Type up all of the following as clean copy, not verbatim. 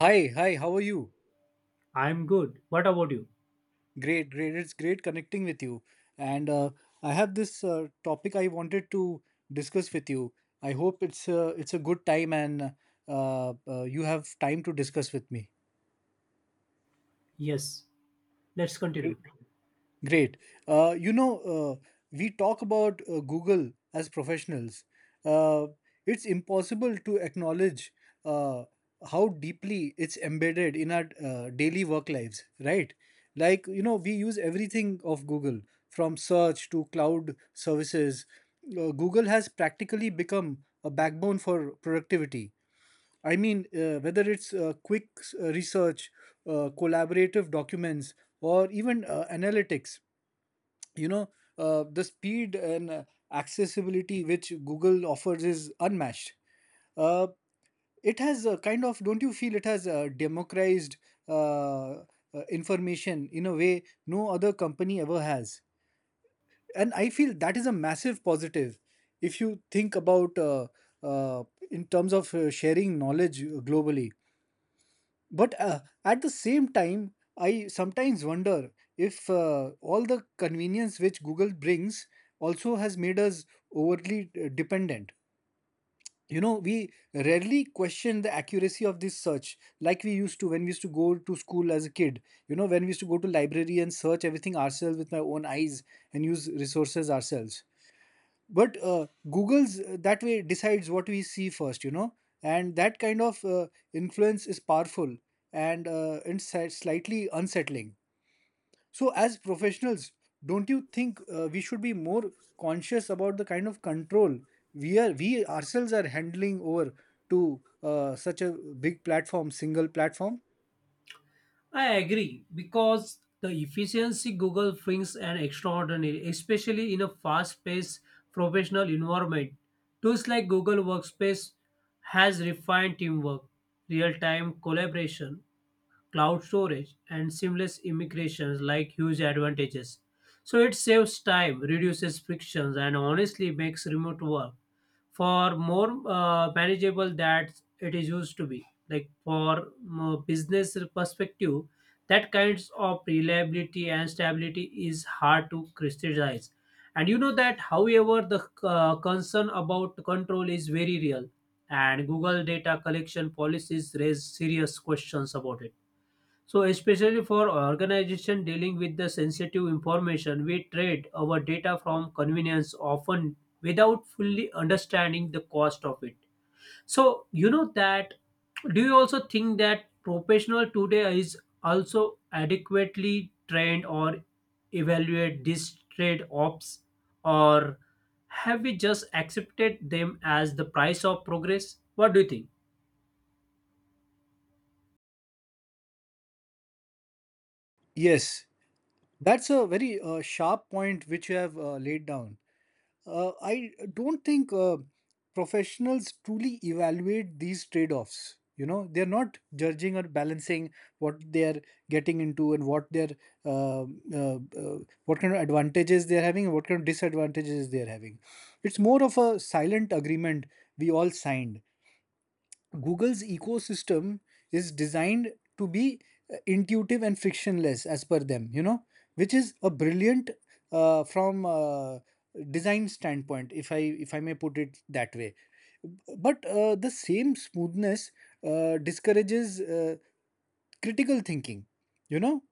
Hi, hi, how are you? I'm good. What about you? Great, great. It's great connecting with you. And I have this topic I wanted to discuss with you. I hope it's a good time, and you have time to discuss with me. Yes, let's continue. Great. We talk about Google as professionals. Uh, it's impossible to acknowledge uh, how deeply it's embedded in our daily work lives, right? Like, you know, we use everything of Google from search to cloud services. Google has practically become a backbone for productivity. I mean, whether it's quick research, collaborative documents, or even analytics, you know the speed and accessibility which Google offers is unmatched. Uh, it has a kind of, don't you feel it has democratized uh, information in a way no other company ever has? And I feel that is a massive positive, if you think about uh, in terms of sharing knowledge globally. But at the same time, I sometimes wonder if all the convenience which Google brings also has made us overly dependent. You know, we rarely question the accuracy of this search like we used to when we used to go to school as a kid. You know, when we used to go to library and search everything ourselves with my own eyes and use resources ourselves, but Google's, that way, decides what we see first, and that kind of influence is powerful and slightly unsettling. So as professionals, don't you think we should be more conscious about the kind of control we ourselves are handling over to such a big platform, single platform? I agree because the efficiency Google brings an extraordinary, especially in a fast-paced professional environment. Tools like Google Workspace has refined teamwork, real-time collaboration, cloud storage, and seamless immigrations like huge advantages. So it saves time, reduces frictions, and honestly makes remote work for more manageable that it is used to be. Like for business perspective, that kinds of reliability and stability is hard to crystallize. And you know that, however, the concern about control is very real, and Google data collection policies raise serious questions about it. So, especially for organization dealing with the sensitive information, we trade our data from convenience often without fully understanding the cost of it. So, you know that. Do you also think that professional today is also adequately trained or evaluate these trade offs, or have we just accepted them as the price of progress? What do you think? Yes, that's a very sharp point which you have laid down. I don't think professionals truly evaluate these trade offs. You know, they're not judging or balancing what they're getting into and uh, uh, uh, what kind of advantages they're having and what kind of disadvantages they're having. It's more of a silent agreement we all signed. Google's ecosystem is designed to be intuitive and frictionless as per them, you know, which is a brilliant from design standpoint, if I may put it that way. But the same smoothness discourages critical thinking. You know,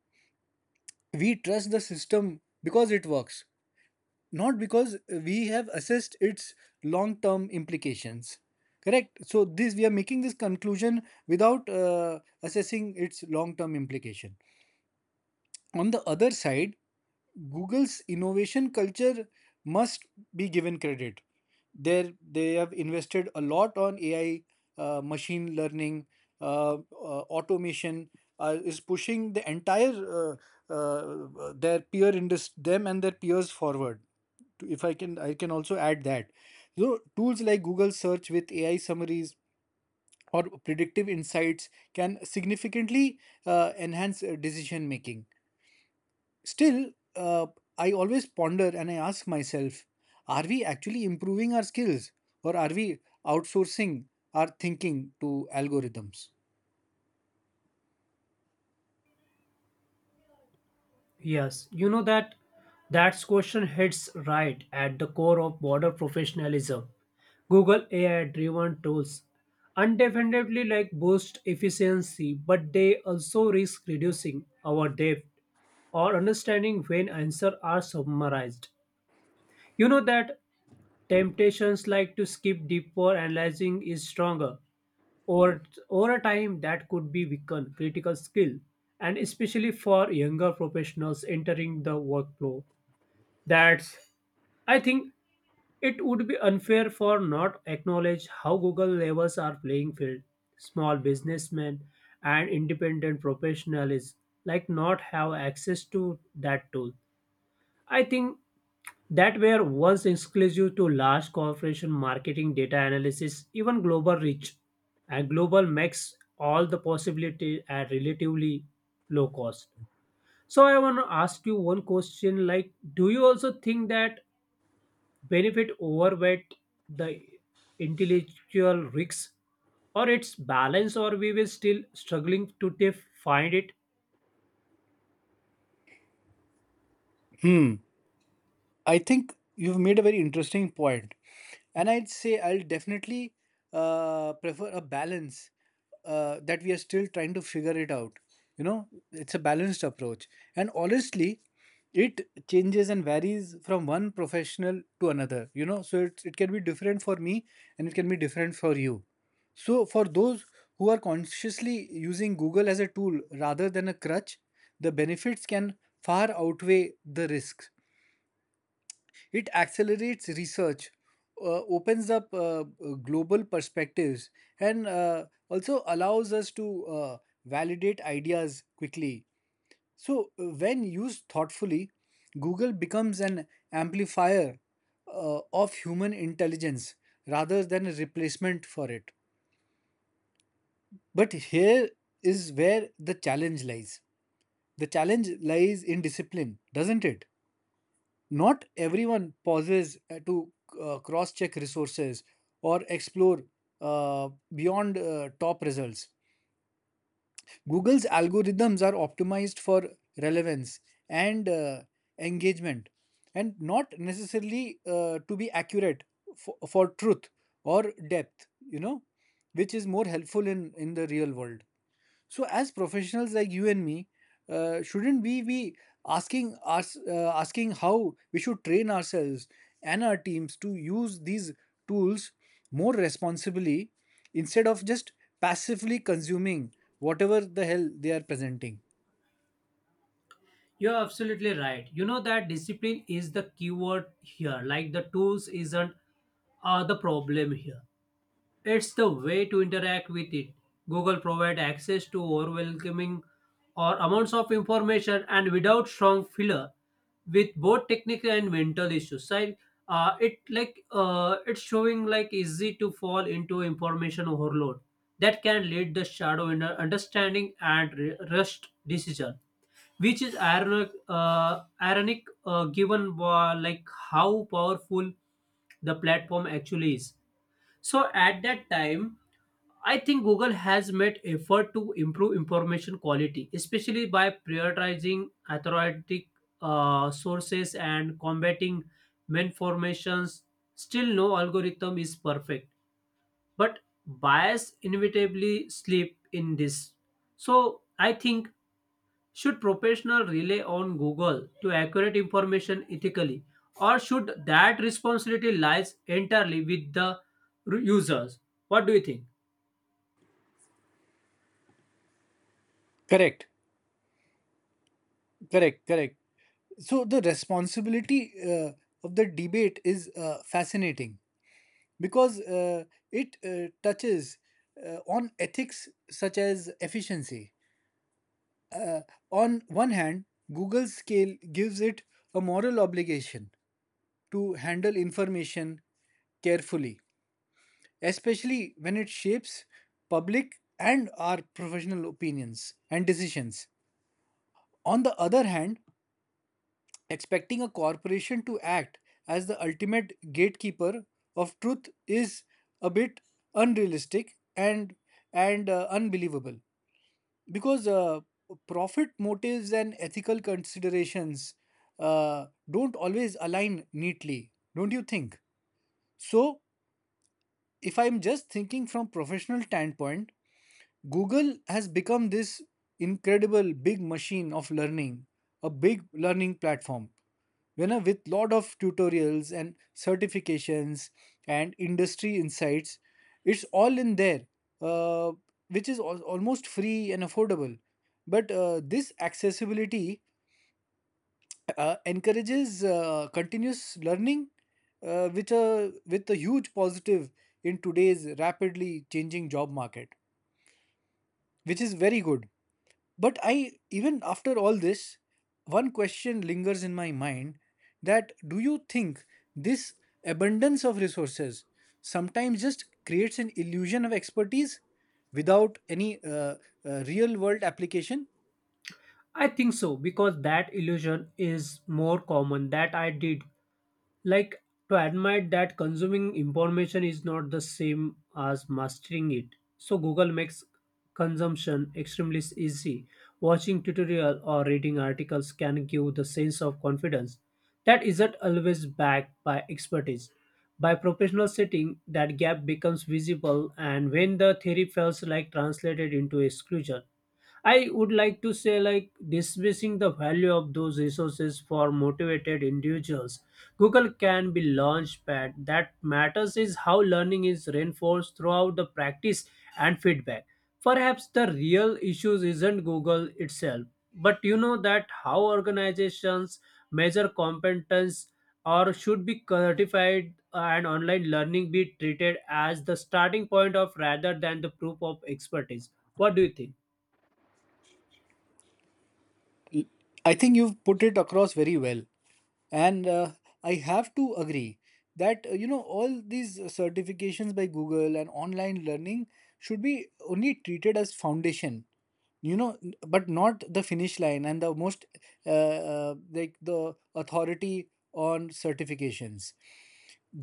we trust the system because it works, not because we have assessed its long term implications. Correct, so this, we are making this conclusion without assessing its long term implication. On the other side, Google's innovation culture must be given credit. There they have invested a lot on AI, machine learning, automation is pushing the entire their peer industry, them and their peers, forward. If I can, I can also add that, so tools like Google search with AI summaries or predictive insights can significantly enhance decision making. Still, uh, I always ponder and I ask myself, are we actually improving our skills, or are we outsourcing our thinking to algorithms? Yes, you know that that's question hits right at the core of border professionalism. Google AI-driven tools undefinably like boost efficiency, but they also risk reducing our depth or understanding when answers are summarized. You know that temptations like to skip deeper analyzing is stronger or over a time that could be weaken critical skill, and especially for younger professionals entering the workflow, that's I think it would be unfair for not acknowledge how Google levels are playing field. Small businessmen and independent professionals like not have access to that tool. I think that were once exclusive to large corporation marketing data analysis, even global reach. And global makes all the possibility at relatively low cost. So I want to ask you one question like do you also think that benefit overweight the intellectual risks or its balance or we will still struggling to find it. Hmm, I think you've made a very interesting point, and I'd say I'll definitely prefer a balance, that we are still trying to figure it out. You know, it's a balanced approach, and honestly, it changes and varies from one professional to another. You know, so it can be different for me, and it can be different for you. So, for those who are consciously using Google as a tool rather than a crutch, the benefits can far outweigh the risks. It accelerates research, opens up global perspectives, and also allows us to validate ideas quickly. So, when used thoughtfully, Google becomes an amplifier of human intelligence rather than a replacement for it. But here is where the challenge lies. The challenge lies in discipline, doesn't it? Not everyone pauses to cross check resources or explore beyond top results. Google's algorithms are optimized for relevance and engagement and not necessarily to be accurate for truth or depth, which is more helpful in the real world. So, as professionals like you and me, shouldn't we be asking how we should train ourselves and our teams to use these tools more responsibly, instead of just passively consuming whatever the hell they are presenting? You're absolutely right, you know that discipline is the keyword here like the tools isn't the problem here. It's the way to interact with it. Google provides access to overwhelming or amounts of information and without strong filler with both technical and mental issues. Right? It like it's showing like easy to fall into information overload that can lead the shadow in understanding and rushed decision, which is ironic, ironic given like how powerful the platform actually is. So at that time, I think Google has made effort to improve information quality, especially by prioritizing authoritative sources and combating malformations. Still, no algorithm is perfect, but bias inevitably slip in this. So I think should professionals rely on Google to accurate information ethically, or should that responsibility lies entirely with the users? What do you think? Correct, correct, correct. So the responsibility of the debate is fascinating, because it touches on ethics such as efficiency. On one hand, Google's scale gives it a moral obligation to handle information carefully, especially when it shapes public and our professional opinions and decisions. On the other hand, expecting a corporation to act as the ultimate gatekeeper of truth is a bit unrealistic and unbelievable. Because profit motives and ethical considerations don't always align neatly, don't you think? So if I'm just thinking from professional standpoint, Google has become this incredible big machine of learning, a big learning platform. You know, with lot of tutorials and certifications and industry insights, it's all in there, uh, which is almost free and affordable. But this accessibility encourages continuous learning, which with a huge positive in today's rapidly changing job market, which is very good. But I, even after all this, one question lingers in my mind: that do you think this abundance of resources sometimes just creates an illusion of expertise without any real world application? I think so because that illusion is more common that I did like to admit that consuming information is not the same as mastering it. So Google makes consumption extremely easy. Watching tutorial or reading articles can give the sense of confidence that isn't always backed by expertise by professional setting. That gap becomes visible and when the theory feels like translated into exclusion, I would like to say like dismissing the value of those resources for motivated individuals, Google can be launchpad. That matters is how learning is reinforced throughout the practice and feedback. Perhaps the real issues isn't Google itself, but you know that how organizations measure competence, or should be certified and online learning be treated as the starting point of rather than the proof of expertise. What do you think? I think you've put it across very well. And I have to agree that, you know, all these certifications by Google and online learning should be only treated as foundation you know but not the finish line, and the most like the authority on certifications.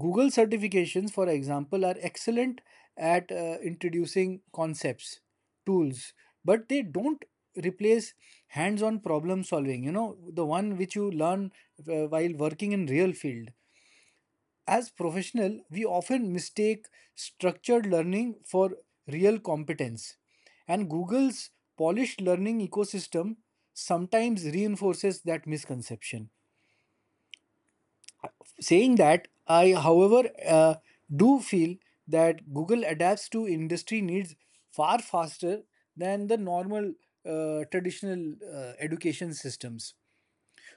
Google certifications, for example, are excellent at introducing concepts, tools, but they don't replace hands on problem solving, the one which you learn while working in real field. As professionals, we often mistake structured learning for real competence. And Google's polished learning ecosystem sometimes reinforces that misconception. Saying that, I, however, do feel that Google adapts to industry needs far faster than the normal traditional education systems.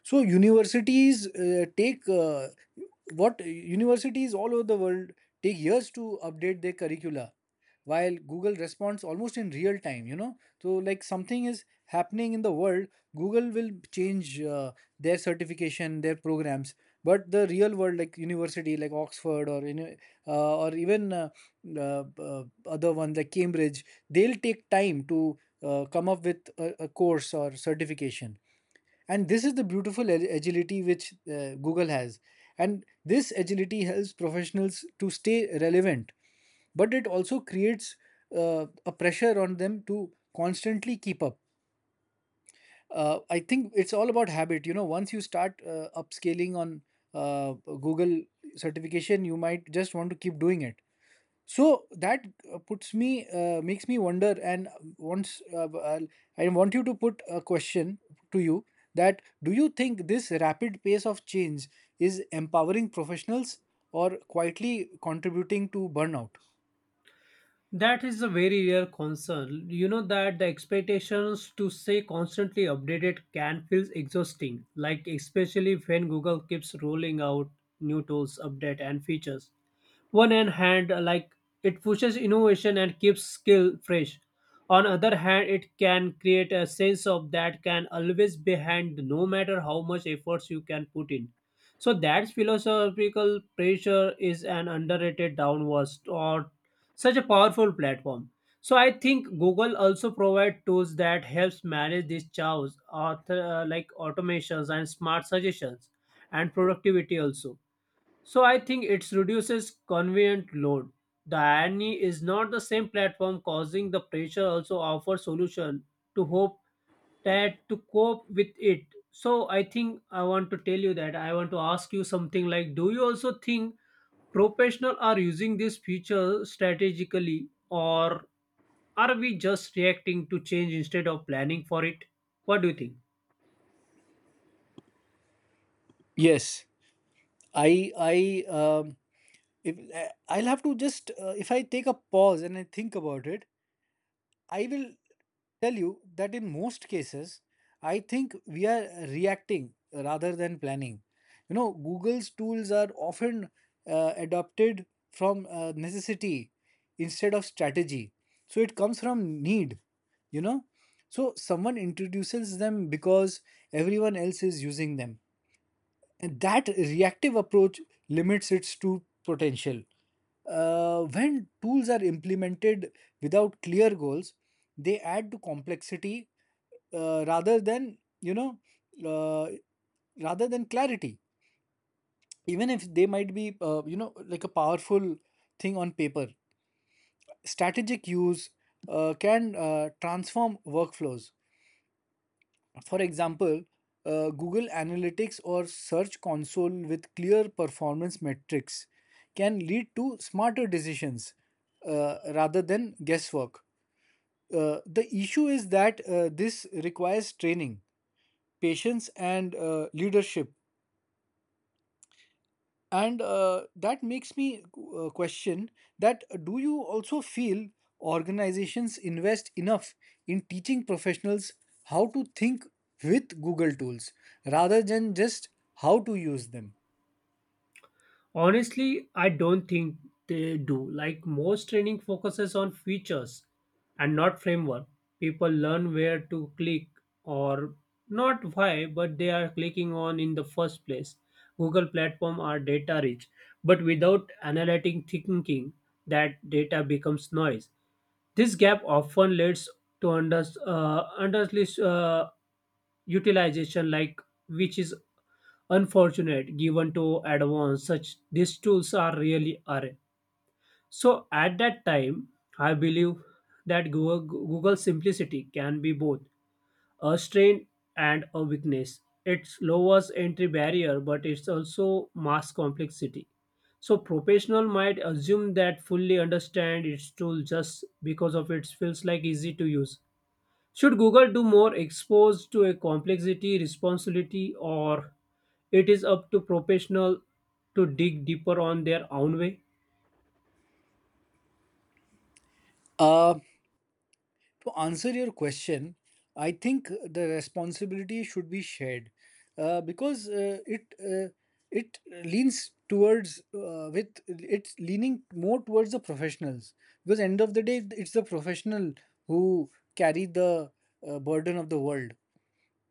So universities take what universities all over the world take years to update their curricula, while Google responds almost in real time. So, like, something is happening in the world, Google will change their certification, their programs, but the real world, like university like Oxford or any or even uh, other ones like Cambridge, they'll take time to come up with a course or certification. And this is the beautiful agility which Google has. And this agility helps professionals to stay relevant, but it also creates a pressure on them to constantly keep up. I think it's all about habit, once you start upscaling on uh, Google certification, you might just want to keep doing it. So that makes me wonder, once, uh, I'll- I want you to put a question to you: that do you think this rapid pace of change is empowering professionals or quietly contributing to burnout? That is a very rare concern. You know that the expectations to stay constantly updated can feel exhausting, like especially when Google keeps rolling out new tools, update and features. One hand like it pushes innovation and keeps skill fresh. On other hand, it can create a sense of that can always be hand no matter how much efforts you can put in. So that philosophical pressure is an underrated downward or such a powerful platform. So I think Google also provide tools that helps manage these chaos, author, like automations and smart suggestions and productivity also. So I think it reduces convenient load. The irony is not the same platform causing the pressure also offer solution to hope that to cope with it. So I think I want to tell you that I want to ask you something like do you also think professionals are using this feature strategically, or are we just reacting to change instead of planning for it? What do you think? Yes, I, I, um, I'll have to just, if I take a pause and I think about it, I will tell you that in most cases, I think we are reacting rather than planning. You know, Google's tools are often adopted from necessity instead of strategy. So it comes from need, you know. So someone introduces them because everyone else is using them. And that reactive approach limits its true potential. When tools are implemented without clear goals, they add to complexity uh, rather than you know uh, rather than clarity. Even if they might be like a powerful thing on paper, strategic use can transform workflows. For example, Google Analytics or Search Console with clear performance metrics can lead to smarter decisions rather than guesswork. The issue is that this requires training, patience, and leadership. And that makes me question, that do you also feel organizations invest enough in teaching professionals how to think with Google tools rather than just how to use them? Honestly, I don't think they do. Like most training focuses on features and not framework. People learn where to click or not why, but they are clicking on in the first place. Google platform are data rich, but without analytic thinking, that data becomes noise. This gap often leads to under underutilization, like which is unfortunate given to advance such these tools are really are. So at that time I believe that Google simplicity can be both a strength and a weakness. It lowers entry barrier but it's also mass complexity. So professional might assume that fully understand its tool just because of it feels like easy to use. Should Google do more exposed to a complexity, responsibility, or it is up to professional to dig deeper on their own way? Uh, To answer your question, I think the responsibility should be shared because it it leans towards with it's leaning more towards the professionals because end of the day it's the professional who carry the burden of the world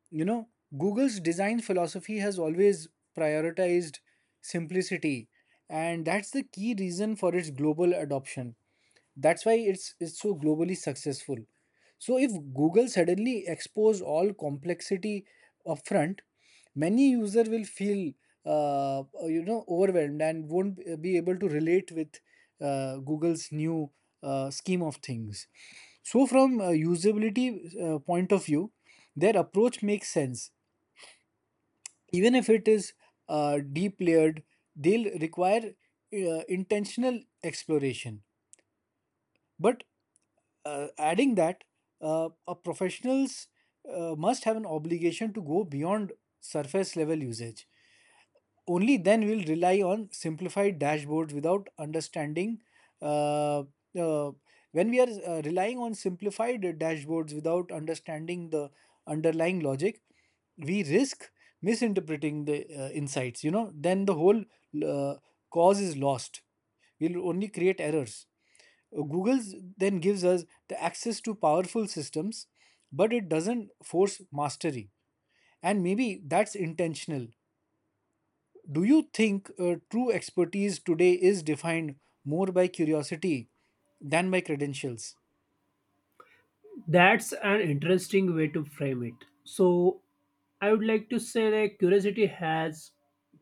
you know Google's design philosophy has always prioritized simplicity, and that's the key reason for its global adoption. That's why it's so globally successful. So if Google suddenly exposed all complexity upfront, many user will feel overwhelmed and won't be able to relate with Google's new scheme of things. So from a usability point of view, their approach makes sense, even if it is deep layered. They'll require intentional exploration. But adding that, a professionals must have an obligation to go beyond surface level usage. Only then we'll rely on simplified dashboards without understanding uh, uh, when we are relying on simplified dashboards without understanding the underlying logic, we risk misinterpreting the insights, then the whole uh, cause is lost. We'll only create errors. Google's then gives us the access to powerful systems, but it doesn't force mastery. And maybe that's intentional. Do you think true expertise today is defined more by curiosity than by credentials? That's an interesting way to frame it. So I would like to say that curiosity has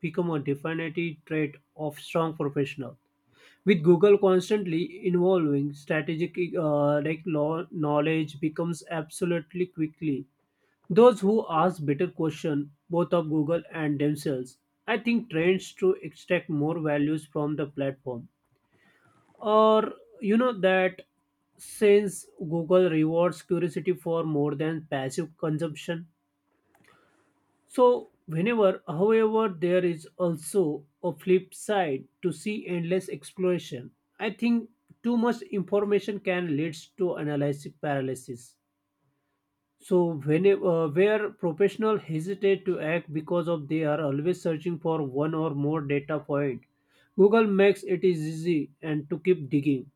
become a definitive trait of strong professional. With Google constantly evolving, strategic like law, knowledge becomes absolutely quickly. Those who ask better questions, both of Google and themselves, I think trends to extract more values from the platform. Or you know that since Google rewards curiosity for more than passive consumption. So whenever, however, there is also a flip side to see endless exploration. I think too much information can lead to analysis paralysis. So when where professionals hesitate to act because of they are always searching for one or more data point, Google makes it is easy and to keep digging.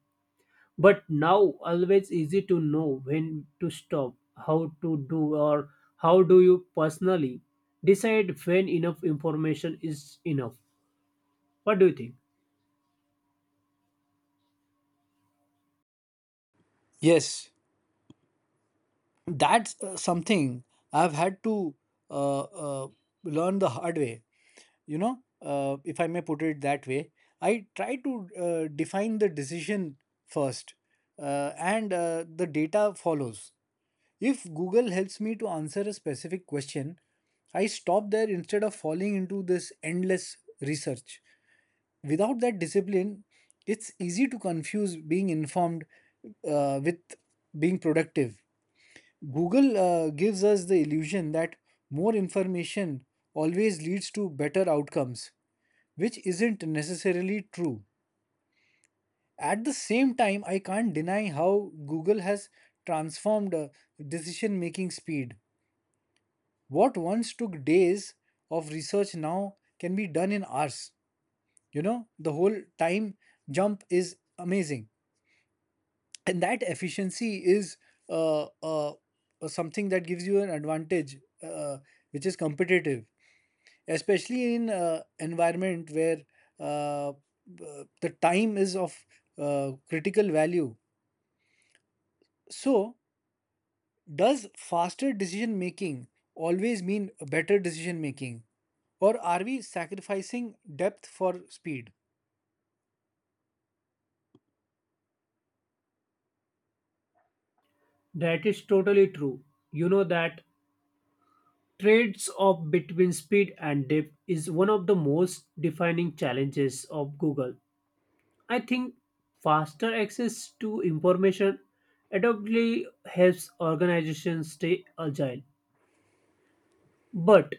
But now always easy to know when to stop, how to do, or how do you personally decide when enough information is enough. What do you think? Yes, that's something I've had to uh, uh, learn the hard way. You know, if I may put it that way, I try to define the decision first, and the data follows. If Google helps me to answer a specific question, I stop there instead of falling into this endless research. Without that discipline, it's easy to confuse being informed with being productive. Google gives us the illusion that more information always leads to better outcomes, which isn't necessarily true. At the same time, I can't deny how Google has transformed decision making speed. What once took days of research now can be done in hours. The whole time jump is amazing, and that efficiency is uh, uh, something that gives you an advantage, uh, which is competitive, especially in environment where the time is of critical value. So does faster decision making always mean better decision making? Or are we sacrificing depth for speed? That is totally true. You know that trades off between speed and depth is one of the most defining challenges of Google. I think faster access to information adoptly helps organizations stay agile. But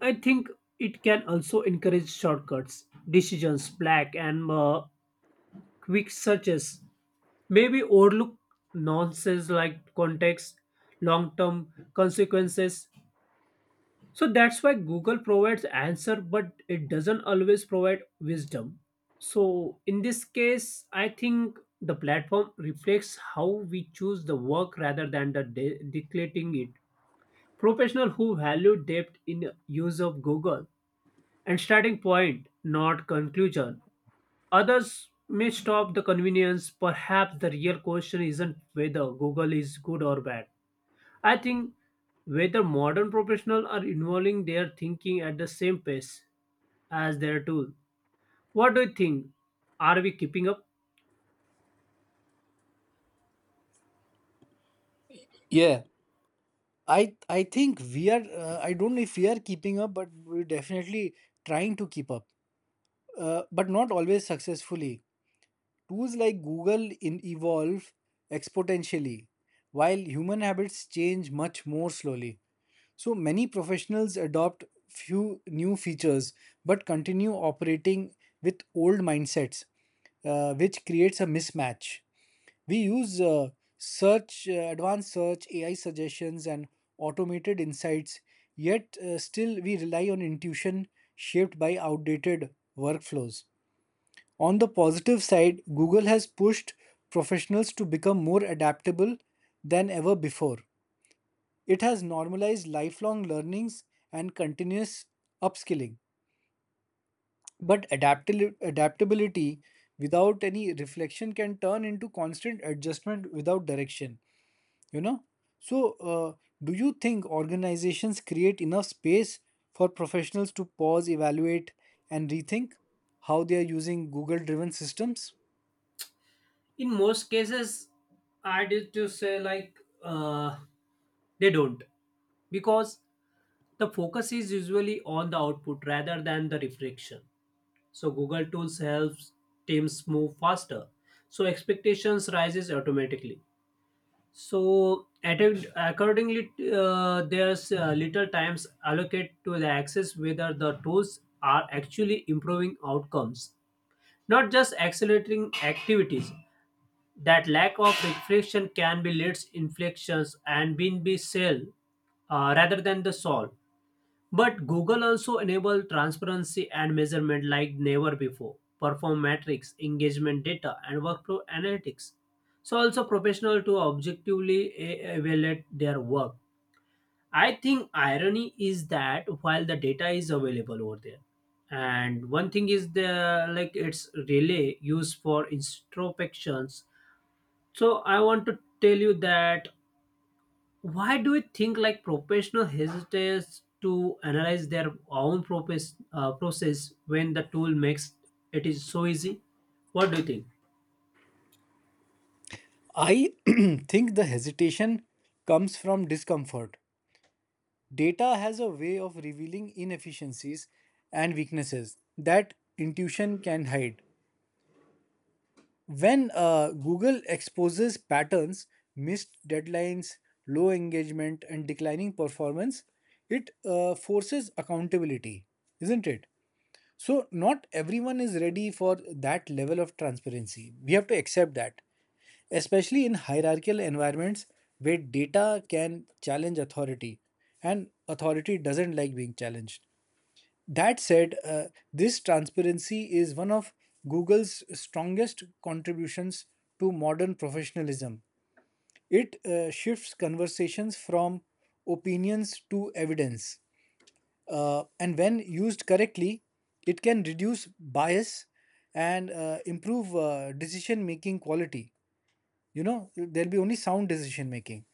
I think it can also encourage shortcuts, decisions, black and quick searches, maybe overlook nonsense like context, long term consequences. So that's why Google provides answer, but it doesn't always provide wisdom. So in this case, I think the platform reflects how we choose the work rather than the dictating it. Professional who value depth in use of Google and starting point, not conclusion. Others may stop the convenience. Perhaps the real question isn't whether Google is good or bad, I think whether modern professionals are involving their thinking at the same pace as their tool. What do you think? Are we keeping up? Yeah, I think we are. I don't know if we are keeping up, but we're definitely trying to keep up. But not always successfully. Tools like Google in evolve exponentially, while human habits change much more slowly. So many professionals adopt few new features, but continue operating with old mindsets, which creates a mismatch. We use search, advanced search, AI suggestions, and automated insights, yet still we rely on intuition shaped by outdated workflows. On the positive side, Google has pushed professionals to become more adaptable than ever before. It has normalized lifelong learnings and continuous upskilling. But adaptability without any reflection can turn into constant adjustment without direction. you know so uh, do you think organizations create enough space for professionals to pause evaluate and rethink how they are using Google driven systems? In most cases, I did to say like uh, they don't because the focus is usually on the output rather than the reflection. So Google Tools helps teams move faster. So expectations rises automatically. So, accordingly, there's little times allocated to the access whether the tools are actually improving outcomes, not just accelerating activities. That lack of reflection can be leads inflections and been be sell rather than the solve. But Google also enable transparency and measurement like never before. Perform metrics, engagement data, and workflow analytics. So also professional to objectively evaluate their work. I think irony is that while the data is available over there, and one thing is the like it's really used for introspections. So I want to tell you that why do you think like professional hesitates to analyze their own process when the tool makes it is so easy. What do you think? I think the hesitation comes from discomfort. Data has a way of revealing inefficiencies and weaknesses that intuition can hide. When Google exposes patterns, missed deadlines, low engagement, and declining performance, it forces accountability, isn't it? So, not everyone is ready for that level of transparency. We have to accept that, especially in hierarchical environments where data can challenge authority, and authority doesn't like being challenged. That said, this transparency is one of Google's strongest contributions to modern professionalism. It shifts conversations from opinions to evidence. And when used correctly, it can reduce bias and improve decision making quality. You know, there'll be only sound decision making.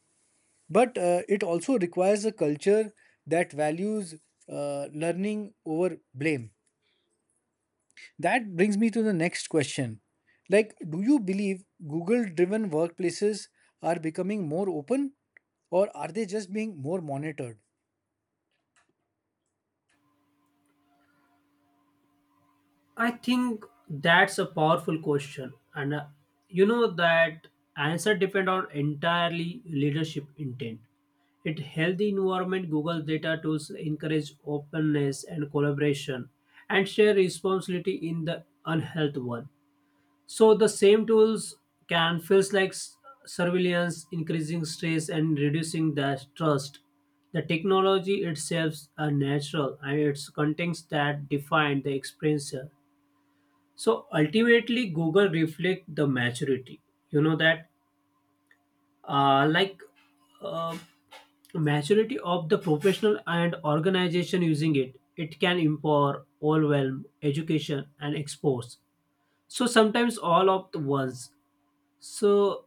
But it also requires a culture that values learning over blame. That brings me to the next question. Like, do you believe Google driven workplaces are becoming more open, or are they just being more monitored? I think that's a powerful question, and you know that answer depend on entirely leadership intent. It healthy environment Google data tools encourage openness and collaboration and share responsibility in the unhealthy one. So the same tools can feels like surveillance, increasing stress and reducing that trust. The technology itself are natural and its contents that define the experiencer. So ultimately, Google reflect the maturity. You know that, like, uh, maturity of the professional and organization using it. It can empower, overwhelm, education, and expose. So sometimes all of the ones. So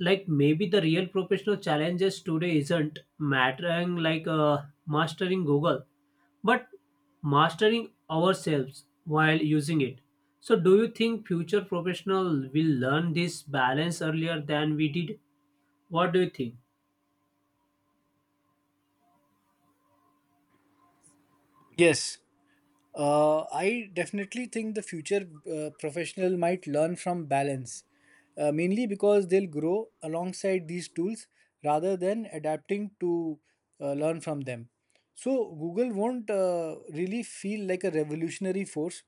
like maybe the real professional challenges today isn't mattering like mastering Google, but mastering ourselves while using it. So do you think future professional will learn this balance earlier than we did? What do you think? Yes. I definitely think the future professional might learn from balance, mainly because they'll grow alongside these tools rather than adapting to learn from them. So Google won't really feel like a revolutionary force,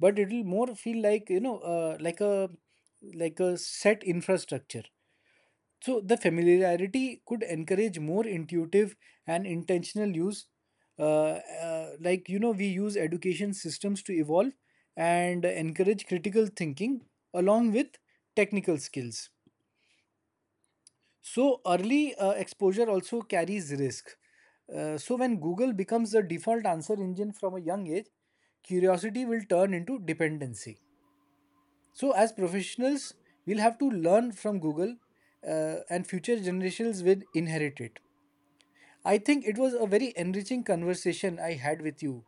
but it will more feel like like a set infrastructure. So the familiarity could encourage more intuitive and intentional use. Like, you know, we use education systems to evolve and encourage critical thinking along with technical skills. So early exposure also carries risk. So when Google becomes the default answer engine from a young age, curiosity will turn into dependency. So as professionals, we'll have to learn from Google and future generations will inherit it. I think it was a very enriching conversation I had with you.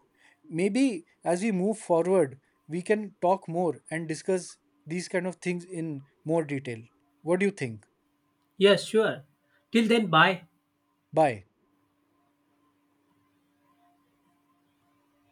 Maybe as we move forward, we can talk more and discuss these kind of things in more detail. What do you think? Yes, sure. Till then, bye. Bye.